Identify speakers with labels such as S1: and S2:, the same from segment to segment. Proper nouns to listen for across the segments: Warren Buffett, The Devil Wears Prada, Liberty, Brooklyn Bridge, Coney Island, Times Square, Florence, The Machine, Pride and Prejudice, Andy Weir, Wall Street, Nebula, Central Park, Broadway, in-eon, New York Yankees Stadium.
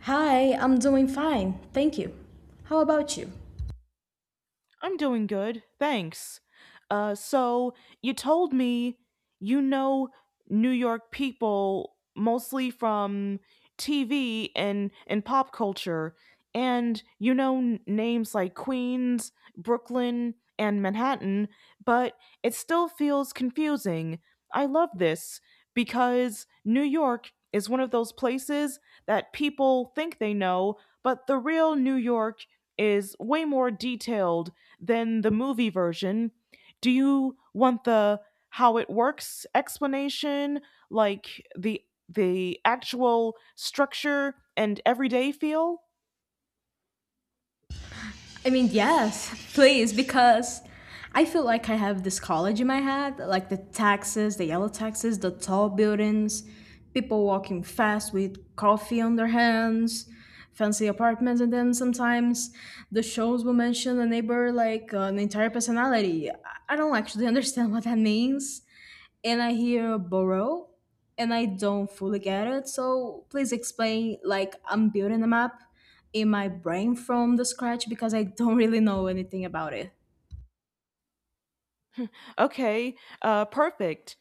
S1: Hi, I'm doing fine. Thank you. How about you?
S2: I'm doing good. Thanks. So you told me you know New York people mostly from TV and pop culture, and you know names like Queens, Brooklyn, and Manhattan, but it still feels confusing. I love this because New York is one of those places that people think they know, but the real New York is way more detailed than the movie version. Do you want the how it works explanation, like the actual structure and everyday feel?
S1: I mean, yes, please, because I feel like I have this college in my head like the taxis, the yellow taxis, the tall buildings, people walking fast with coffee on their hands, fancy apartments, and then sometimes the shows will mention a neighbor like an entire personality. I don't actually understand what that means, and I hear borrow and I don't fully get it. So please explain like I'm building a map in my brain from the scratch because I don't really know anything about it.
S2: Okay, perfect.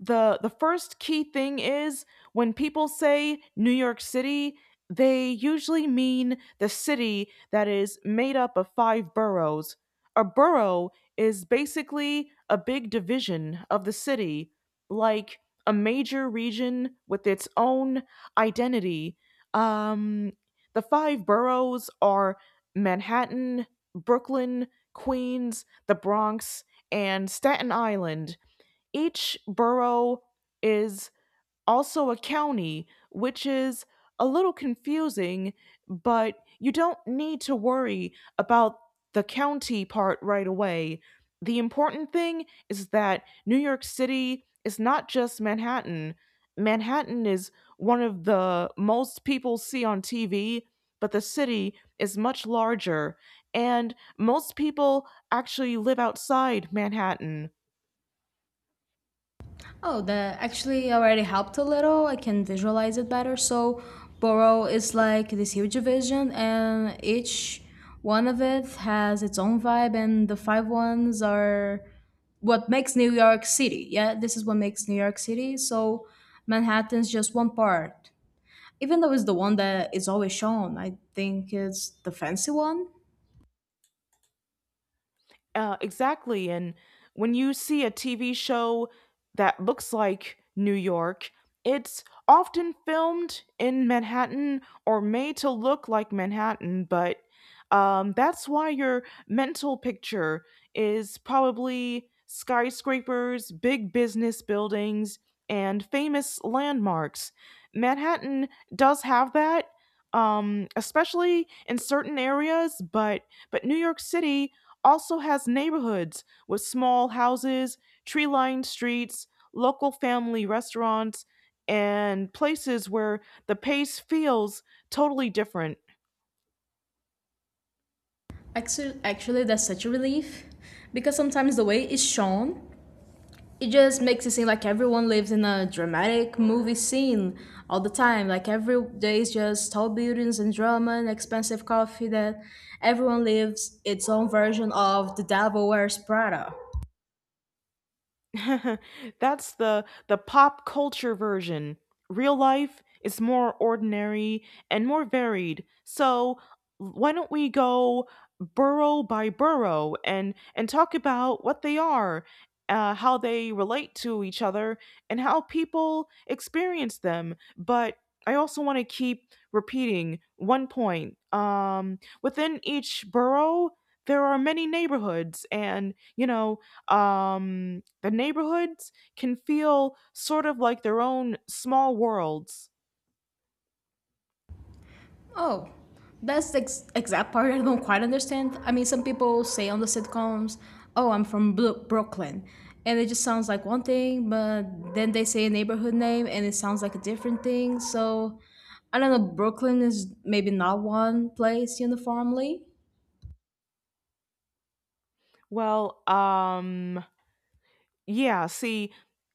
S2: The first key thing is when people say New York City, they usually mean the city that is made up of five boroughs. A borough is basically a big division of the city, like a major region with its own identity. Um, the five boroughs are Manhattan, Brooklyn, Queens, the Bronx, and Staten Island. Each borough is also a county, which is a little confusing, but you don't need to worry about the county part right away. The important thing is that New York City is not just Manhattan. Manhattan is one of the most people see on TV, but the city is much larger, and most people actually live outside Manhattan.
S1: Oh, that actually already helped a little. I can visualize it better. So borrow is like this huge vision and each one of it has its own vibe and the five ones are what makes New York City. Yeah, this is what makes New York City. So Manhattan's just one part. Even though it's the one that is always shown, I think it's the fancy one.
S2: Exactly. And when you see a TV show that looks like New York, it's often filmed in Manhattan or made to look like Manhattan, but that's why your mental picture is probably skyscrapers, big business buildings, and famous landmarks. Manhattan does have that, especially in certain areas, but New York City also has neighborhoods with small houses, tree lined streets, local family restaurants, and places where the pace feels totally different.
S1: Actually, that's such a relief because sometimes the way it's shown, it just makes it seem like everyone lives in a dramatic movie scene all the time. Like every day is just tall buildings and drama and expensive coffee that everyone lives its own version of The Devil Wears Prada.
S2: That's the pop culture version. Real life is more ordinary and more varied. So why don't we go borough by borough and talk about what they are, how they relate to each other, and how people experience them. But I also want to keep repeating one point. Within each borough, there are many neighborhoods, and the neighborhoods can feel sort of like their own small worlds.
S1: Oh, that's the exact part I don't quite understand. I mean, some people say on the sitcoms, "Oh, I'm from Brooklyn," and it just sounds like one thing, but then they say a neighborhood name and it sounds like a different thing. So, I don't know. Brooklyn is maybe not one place uniformly.
S2: well um Yeah, see,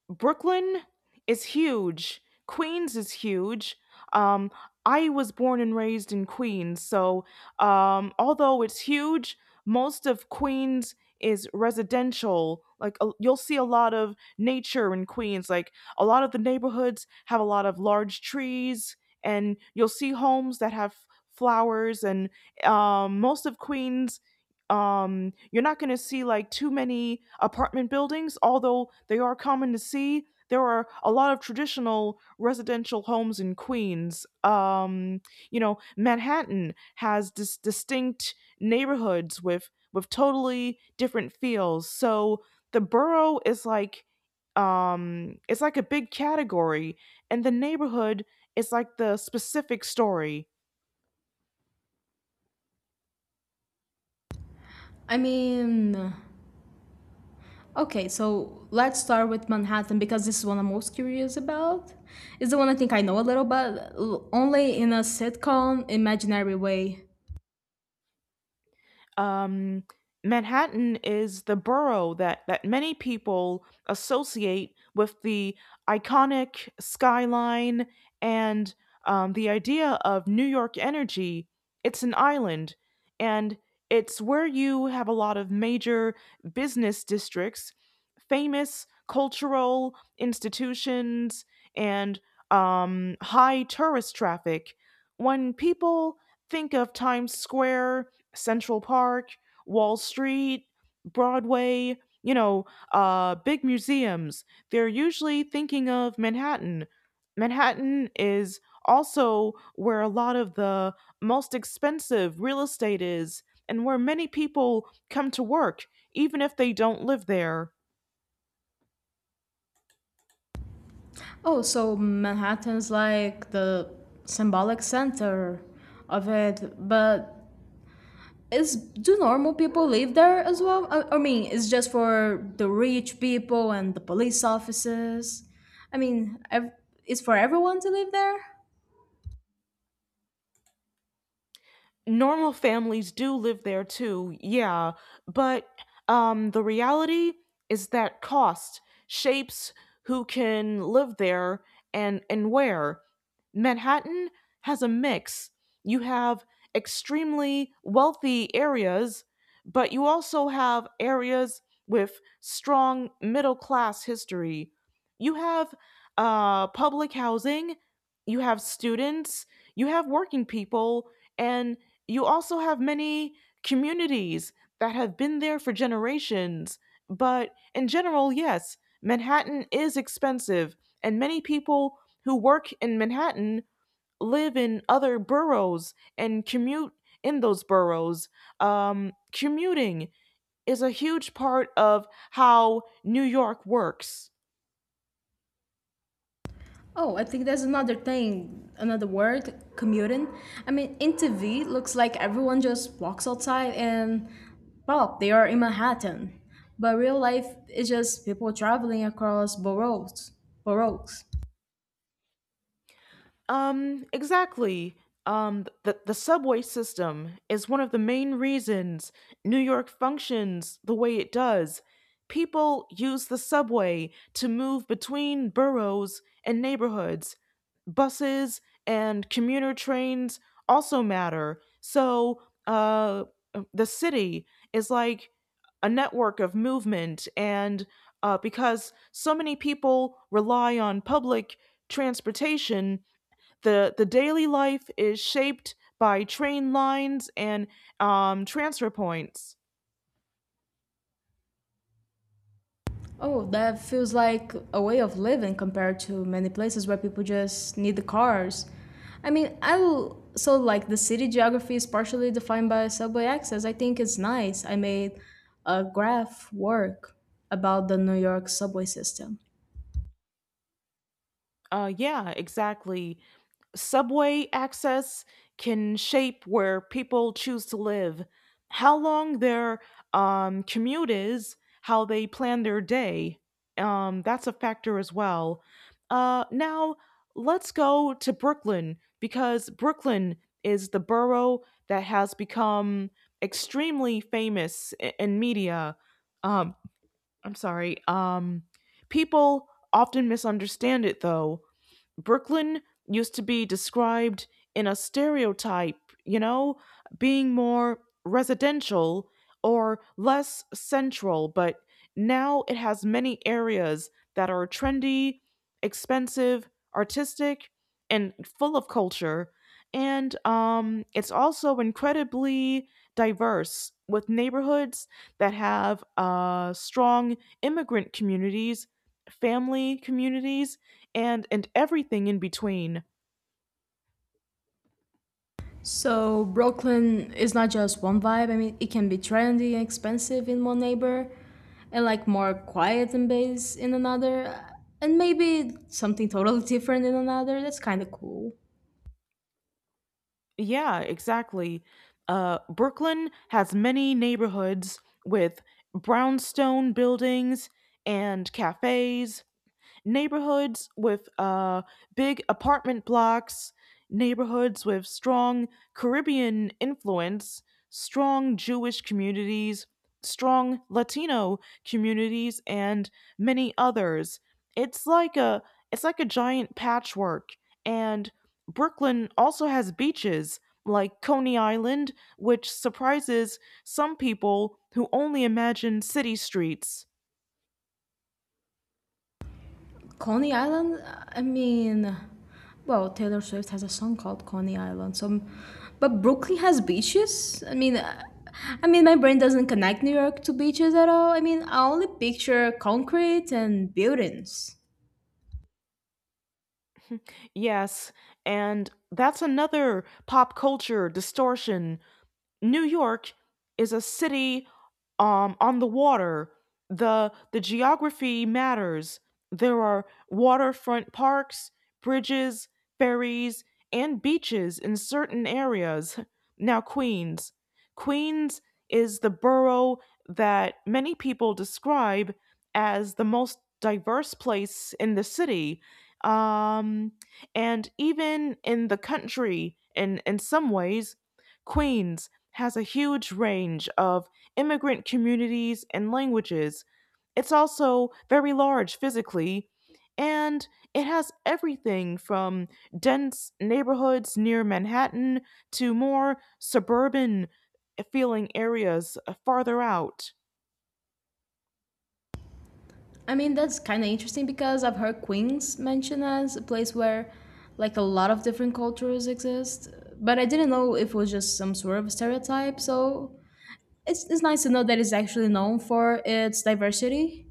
S2: Brooklyn is huge. Queens is huge. Um, I was born and raised in Queens, so although it's huge, most of Queens is residential. You'll see a lot of nature in Queens. Like a lot of the neighborhoods have a lot of large trees, and you'll see homes that have flowers. And most of Queens, you're not going to see like too many apartment buildings. Although they are common to see, there are a lot of traditional residential homes in Queens. You know, Manhattan has distinct neighborhoods with totally different feels. So the borough is like, it's like a big category, and the neighborhood is like the specific story.
S1: I mean, okay, so let's start with Manhattan because this is one I'm most curious about. It's the one I think I know a little, but only in a sitcom imaginary way.
S2: um, Manhattan is the borough that many people associate with the iconic skyline and the idea of New York energy. It's an island, and it's where you have a lot of major business districts, famous cultural institutions, and high tourist traffic. When people think of Times Square, Central Park, Wall Street, Broadway, you know, big museums. They're usually thinking of Manhattan. Manhattan is also where a lot of the most expensive real estate is and where many people come to work, even if they don't live there.
S1: Oh, so Manhattan's like the symbolic center of it, but is do normal people live there as well? I mean, it's just for the rich people and the police officers. I mean, it's for everyone to live there.
S2: Normal families do live there too, yeah, but the reality is that cost shapes who can live there and where. Manhattan has a mix. You have extremely wealthy areas, but you also have areas with strong middle class history. You have public housing, you have students, you have working people, and you also have many communities that have been there for generations. But in general, yes, Manhattan is expensive, and many people who work in Manhattan live in other boroughs and commute in those boroughs. Commuting is a huge part of how New York works.
S1: Oh, I think there's another thing, another word, commuting. I mean, in TV, looks like everyone just walks outside and, well, they are in Manhattan. But real life is just people traveling across boroughs. boroughs.
S2: Exactly. The subway system is one of the main reasons New York functions the way it does. People use the subway to move between boroughs and neighborhoods. Buses and commuter trains also matter. So, uh, the city is like a network of movement, and because so many people rely on public transportation, the daily life is shaped by train lines and transfer points.
S1: Oh, that feels like a way of living compared to many places where people just need the cars. I mean, I will. So, like, the city geography is partially defined by subway access. I think it's nice. I made a graph work about the New York subway system.
S2: Yeah, exactly. Subway access can shape where people choose to live, how long their commute is, how they plan their day. That's a factor as well. Now, let's go to Brooklyn because Brooklyn is the borough that has become extremely famous in media. Um, I'm sorry. People often misunderstand it. Though Brooklyn used to be described in a stereotype, you know, being more residential or less central, but now it has many areas that are trendy, expensive, artistic, and full of culture. And it's also incredibly diverse with neighborhoods that have strong immigrant communities, family communities, and everything in between.
S1: So, Brooklyn is not just one vibe. I mean, it can be trendy and expensive in one neighbor, and like more quiet and bass in another, and maybe something totally different in another. That's kind of cool.
S2: Yeah, exactly. Brooklyn has many neighborhoods with brownstone buildings and cafes, neighborhoods with big apartment blocks, neighborhoods with strong Caribbean influence, strong Jewish communities, strong Latino communities, and many others. It's like a, it's like a giant patchwork, and Brooklyn also has beaches like Coney Island, which surprises some people who only imagine city streets.
S1: Coney Island? I mean, well, Taylor Swift has a song called Coney Island. So, but Brooklyn has beaches. I mean, my brain doesn't connect New York to beaches at all. I mean, I only picture concrete and buildings.
S2: Yes, and that's another pop culture distortion. New York is a city on the water. The geography matters. There are waterfront parks, bridges, ferries, and beaches in certain areas. Now, Queens. Queens is the borough that many people describe as the most diverse place in the city. Um, and even in the country, in some ways, Queens has a huge range of immigrant communities and languages. It's also very large physically, and it has everything from dense neighborhoods near Manhattan to more suburban feeling areas farther out.
S1: I mean, that's kind of interesting because I've heard Queens mentioned as a place where, like, a lot of different cultures exist. But I didn't know if it was just some sort of stereotype. So it's nice to know that it's actually known for its diversity.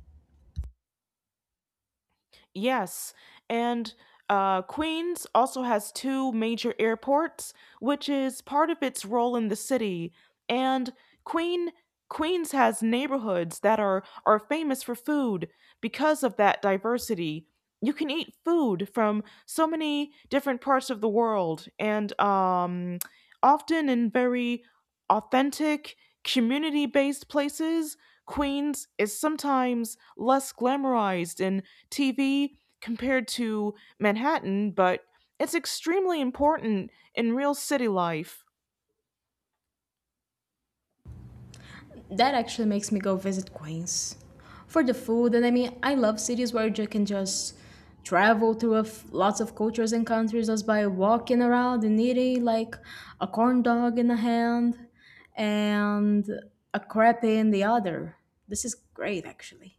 S2: Yes, and Queens also has two major airports, which is part of its role in the city. And Queen Queens has neighborhoods that are famous for food because of that diversity. You can eat food from so many different parts of the world, and often in very authentic community-based places. Queens is sometimes less glamorized and TV compared to Manhattan, but it's extremely important in real city life.
S1: That actually makes me go visit Queens for the food. And I mean, I love cities where you can just travel through lots of cultures and countries just by walking around and eating like a corn dog in a hand and a crepe in the other. This is great, actually.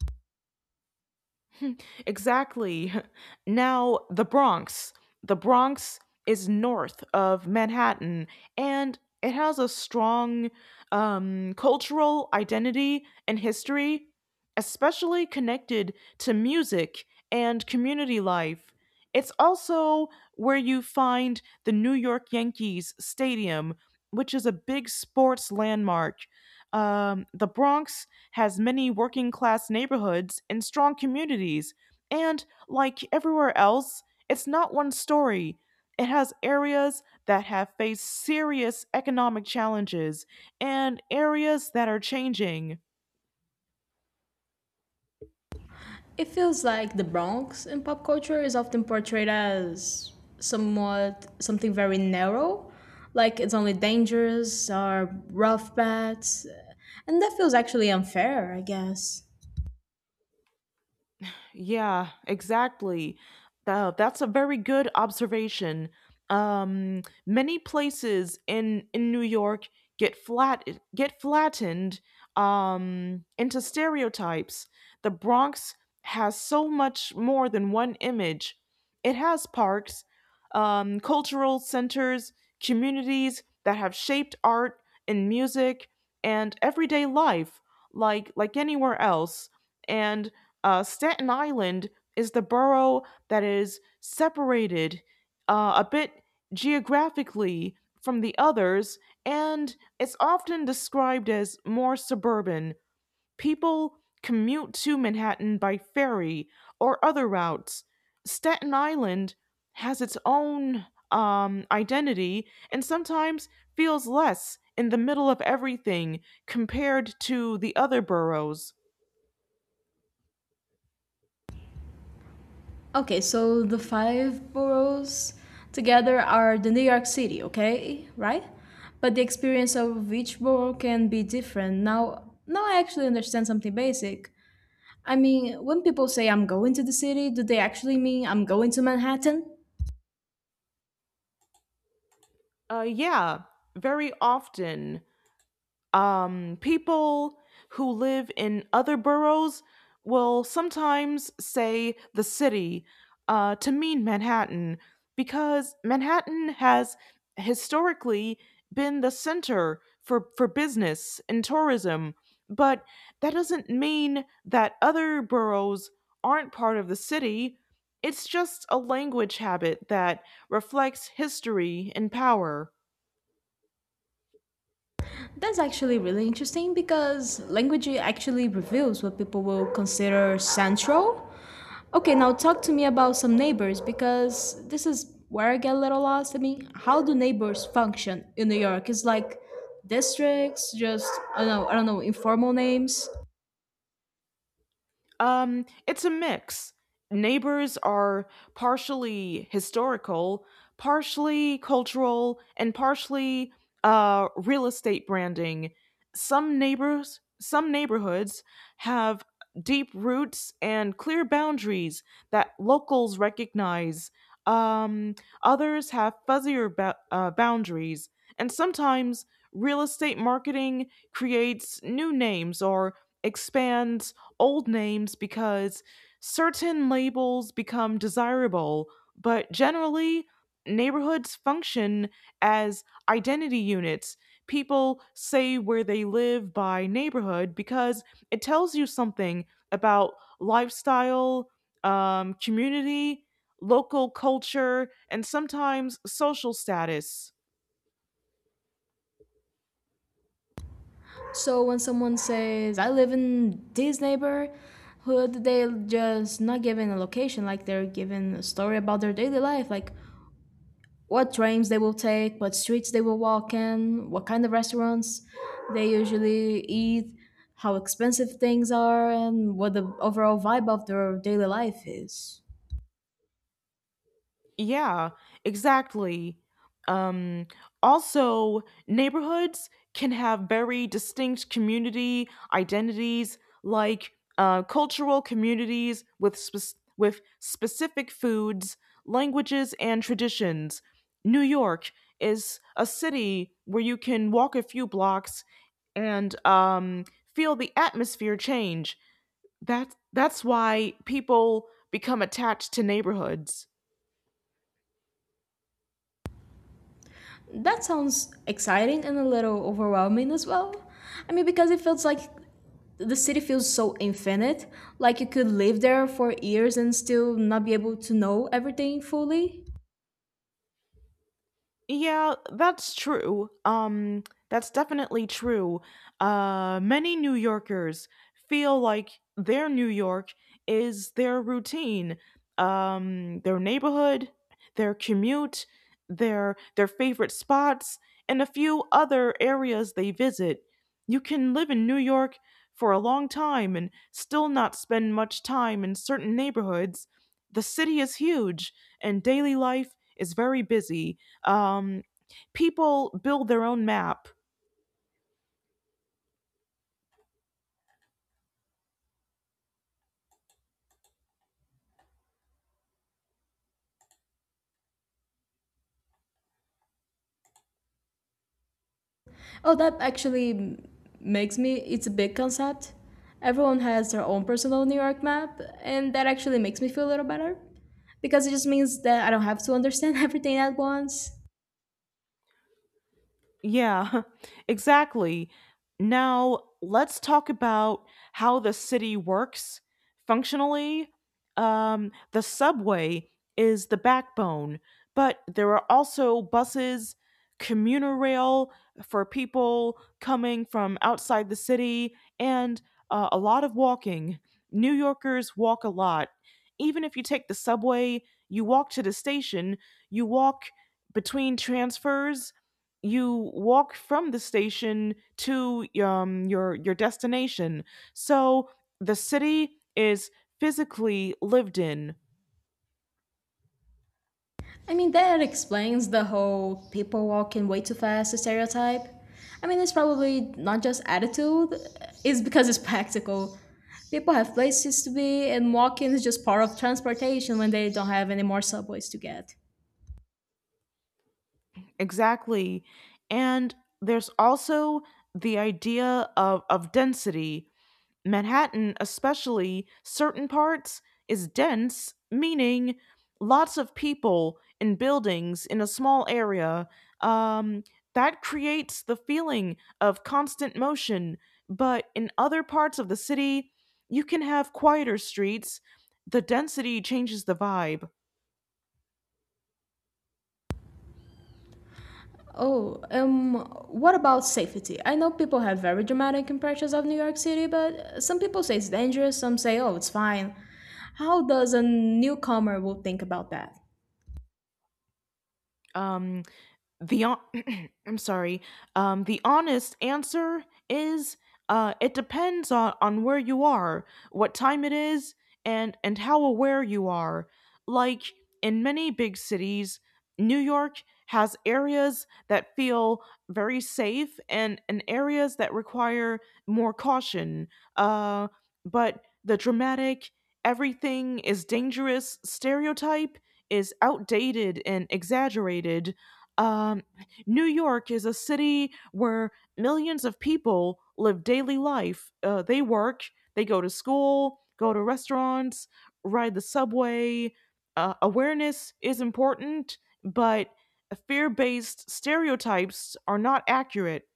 S2: Exactly. Now, the Bronx. The Bronx is north of Manhattan and it has a strong cultural identity and history, especially connected to music and community life. It's also where you find the New York Yankees Stadium, which is a big sports landmark. The Bronx has many working class neighborhoods and strong communities, and, like everywhere else, it's not one story. It has areas that have faced serious economic challenges and areas that are changing.
S1: It feels like the Bronx in pop culture is often portrayed as somewhat something very narrow, like it's only dangerous or rough bats, and that feels actually unfair, I guess.
S2: Yeah, exactly. That's a very good observation. Many places in New York get flat get flattened into stereotypes. The Bronx has so much more than one image. It has parks, cultural centers, communities that have shaped art and music and everyday life like anywhere else. And Staten Island is the borough that is separated a bit geographically from the others, and it's often described as more suburban. People commute to Manhattan by ferry or other routes. Staten Island has its own identity and sometimes feels less in the middle of everything compared to the other boroughs.
S1: Okay, so the five boroughs together are the New York City, okay, right? But the experience of each borough can be different. Now I actually understand something basic. I mean, when people say I'm going to the city, do they actually mean I'm going to Manhattan?
S2: Yeah, very often. People who live in other boroughs will sometimes say the city, to mean Manhattan, because Manhattan has historically been the center for business and tourism. But that doesn't mean that other boroughs aren't part of the city. It's just a language habit that reflects history and power.
S1: That's actually really interesting because language actually reveals what people will consider central. Okay, now talk to me about some neighbors because this is where I get a little lost. I mean, how do neighbors function in New York? It's like districts, just I don't know, informal names.
S2: It's a mix. Neighbors are partially historical, partially cultural, and partially real estate branding. Some neighborhoods have deep roots and clear boundaries that locals recognize. Um, Others have fuzzier boundaries, and sometimes real estate marketing creates new names or expands old names because certain labels become desirable, but generally, neighborhoods function as identity units. People say where they live by neighborhood because it tells you something about lifestyle, community, local culture, and sometimes social status.
S1: So when someone says I live in this neighborhood, they just not given a location, like they're given a story about their daily life, like what trains they will take, what streets they will walk in, what kind of restaurants they usually eat, how expensive things are, and what the overall vibe of their daily life is.
S2: Yeah, exactly. Um, Also, neighborhoods can have very distinct community identities, like cultural communities with with specific foods, languages, and traditions. New York is a city where you can walk a few blocks and feel the atmosphere change. That's why people become attached to neighborhoods.
S1: That sounds exciting and a little overwhelming as well. I mean, because it feels like the city feels so infinite, like you could live there for years and still not be able to know everything fully.
S2: Yeah, that's true. That's definitely true. Many New Yorkers feel like their New York is their routine, their neighborhood, their commute, their favorite spots, and a few other areas they visit. You can live in New York for a long time and still not spend much time in certain neighborhoods. The city is huge, and daily life is very busy. um, People build their own map.
S1: Oh, that actually makes me, it's a big concept. Everyone has their own personal New York map, and that actually makes me feel a little better because it just means that I don't have to understand everything at once.
S2: Yeah, exactly. Now, let's talk about how the city works functionally. The subway is the backbone, but there are also buses, commuter rail for people coming from outside the city, and a lot of walking. New Yorkers walk a lot. Even if you take the subway, you walk to the station, you walk between transfers you walk from the station to your destination. So the city is physically lived in
S1: I mean, that explains the whole people walking way too fast stereotype. I mean, it's probably not just attitude, it's because it's practical. People have places to be, and walking is just part of transportation when they don't have any more subways to get.
S2: exactly, and there's also the idea of density. Manhattan, especially certain parts, is dense, meaning lots of people in buildings in a small area. Um, that creates the feeling of constant motion. But in other parts of the city, you can have quieter streets. The density changes the vibe.
S1: Oh, what about safety? I know people have very dramatic impressions of New York City, but some people say it's dangerous, some say, oh, it's fine. How does a newcomer will think about that?
S2: Um, the on- I'm sorry. The honest answer is it depends on where you are, what time it is, and how aware you are. Like in many big cities, New York has areas that feel very safe and areas that require more caution. Uh, but the dramatic everything is dangerous stereotype is outdated and exaggerated. um, New York is a city where millions of people live daily life. They work, they go to school, go to restaurants, ride the subway. Awareness is important, but fear based stereotypes are not accurate.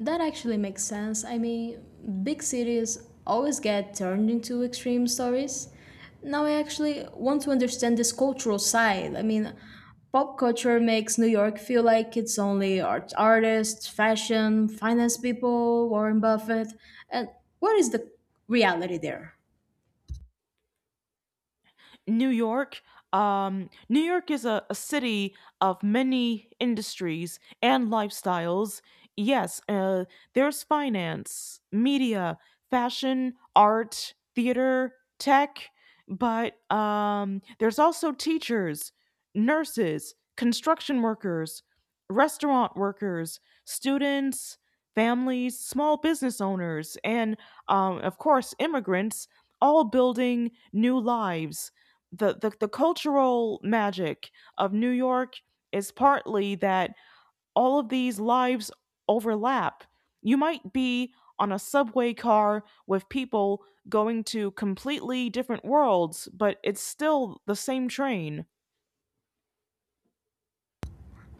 S1: That actually makes sense. I mean, big cities always get turned into extreme stories. Now I actually want to understand this cultural side. I mean, pop culture makes New York feel like it's only art artists, fashion, finance people, Warren Buffett. And what is the reality there?
S2: New York. New York is a city of many industries and lifestyles. Yes, there's finance, media, fashion, art, theater, tech, but there's also teachers, nurses, construction workers, restaurant workers, students, families, small business owners, and of course, immigrants all building new lives. The cultural magic of New York is partly that all of these lives overlap. You might be on a subway car with people going to completely different worlds, but it's still the same train.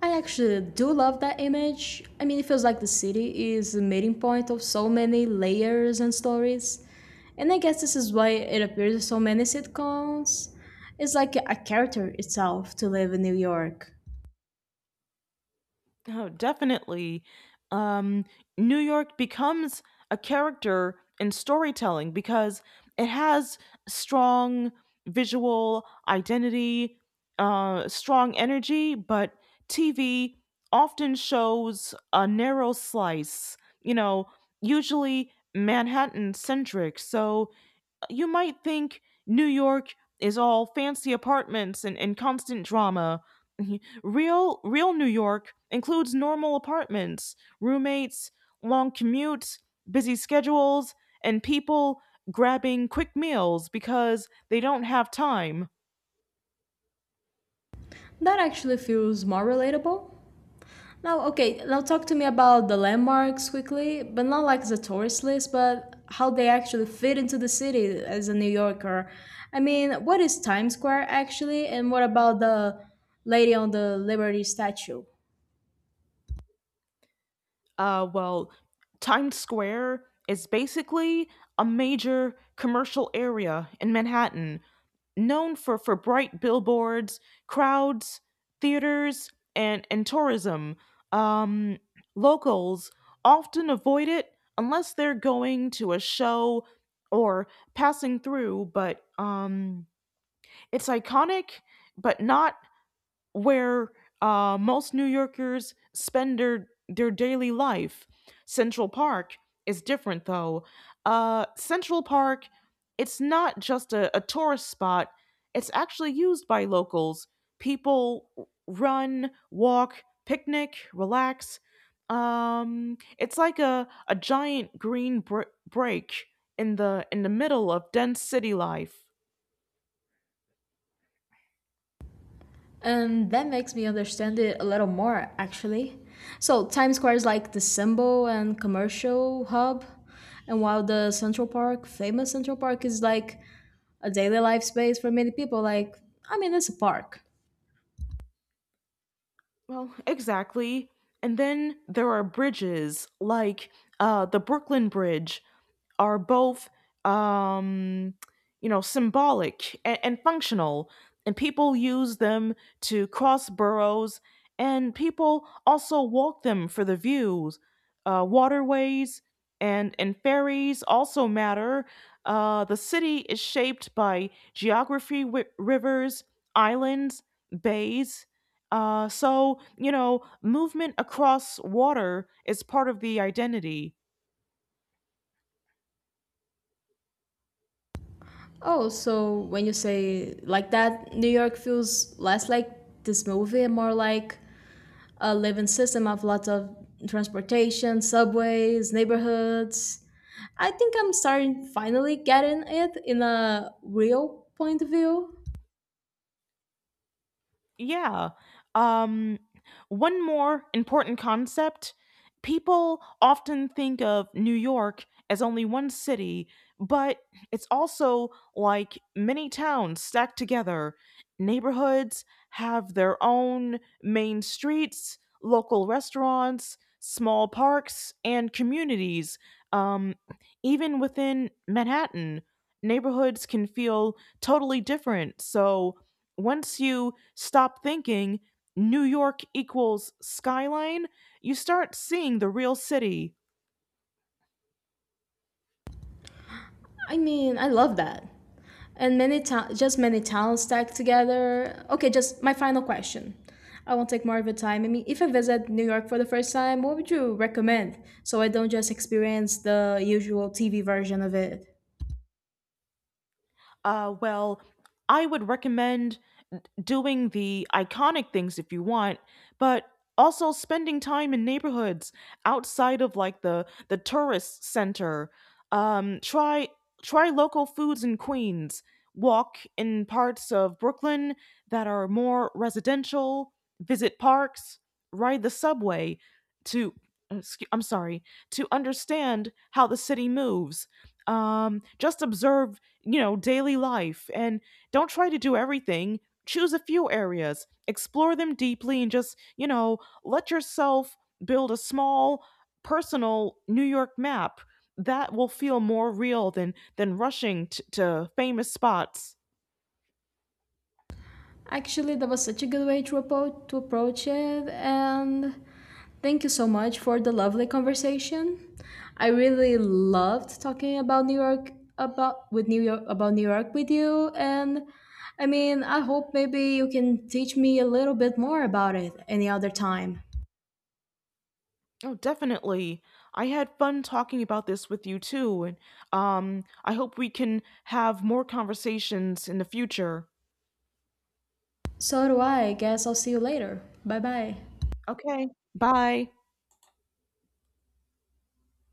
S1: I actually do love that image. I mean, it feels like the city is the meeting point of so many layers and stories. And I guess this is why it appears in so many sitcoms. It's like a character itself to live in New York.
S2: Oh, definitely. Um, New York becomes a character in storytelling because it has strong visual identity, strong energy, but TV often shows a narrow slice, you know, usually Manhattan centric. So you might think New York is all fancy apartments and constant drama. Real New York includes normal apartments, roommates, long commutes, busy schedules, and people grabbing quick meals because they don't have time.
S1: That actually feels more relatable. Now, okay, now talk to me about the landmarks quickly, but not like the tourist list, but how they actually fit into the city as a New Yorker. I mean, what is Times Square actually, and what about the lady on the Liberty statue?
S2: Uh well, Times Square is basically a major commercial area in Manhattan known for bright billboards, crowds, theaters, and tourism. Um, locals often avoid it unless they're going to a show or passing through, but it's iconic but not where most New Yorkers spend their daily life. Central Park is different though. Central Park, it's not just a tourist spot, it's actually used by locals. People run, walk, picnic, relax. It's like a giant green break in the middle of dense city life.
S1: And that makes me understand it a little more, actually. So, Times Square is like the symbol and commercial hub, and while the Central Park, famous Central Park, is like a daily life space for many people, like, I mean, it's a park.
S2: Well, exactly. And then there are bridges like the Brooklyn Bridge are both um, you know symbolic and functional, and people use them to cross burrows, and people also walk them for the views. Waterways and ferries also matter. The city is shaped by geography, rivers, islands, bays. So you know movement across water is part of the identity.
S1: Oh, so when you say like that, New York feels less like this movie and more like a living system of lots of transportation, subways, neighborhoods. I think I'm starting finally getting it in a real point of view.
S2: Yeah. Um, one more important concept, people often think of New York as only one city, but it's also like many towns stacked together. Neighborhoods have their own main streets, local restaurants, small parks, and communities. Um, even within Manhattan, neighborhoods can feel totally different. So, once you stop thinking New York equals skyline, you start seeing the real city.
S1: I mean, I love that. And many just many towns stacked together. Okay, just my final question. I won't take more of your time. I mean, if I visit New York for the first time, what would you recommend so I don't just experience the usual TV version of it?
S2: Uh, well, I would recommend doing the iconic things if you want, but also spending time in neighborhoods outside of like the tourist center. Um, try try local foods in Queens. Walk in parts of Brooklyn that are more residential. Visit parks. Ride the subway to. Excuse, I'm sorry. To understand how the city moves. Just observe, you know, daily life, and don't try to do everything. Choose a few areas, explore them deeply, and just, you know, let yourself build a small personal New York map that will feel more real than rushing to famous spots.
S1: Actually, that was such a good way to, to approach it, and thank you so much for the lovely conversation. I really loved talking about New York about with New York about New York with you, and I mean, I hope maybe you can teach me a little bit more about it any other time.
S2: Oh, definitely. I had fun talking about this with you too, and I hope we can have more conversations in the future.
S1: So do I. I guess I'll see you later. Bye bye.
S2: Okay. Bye.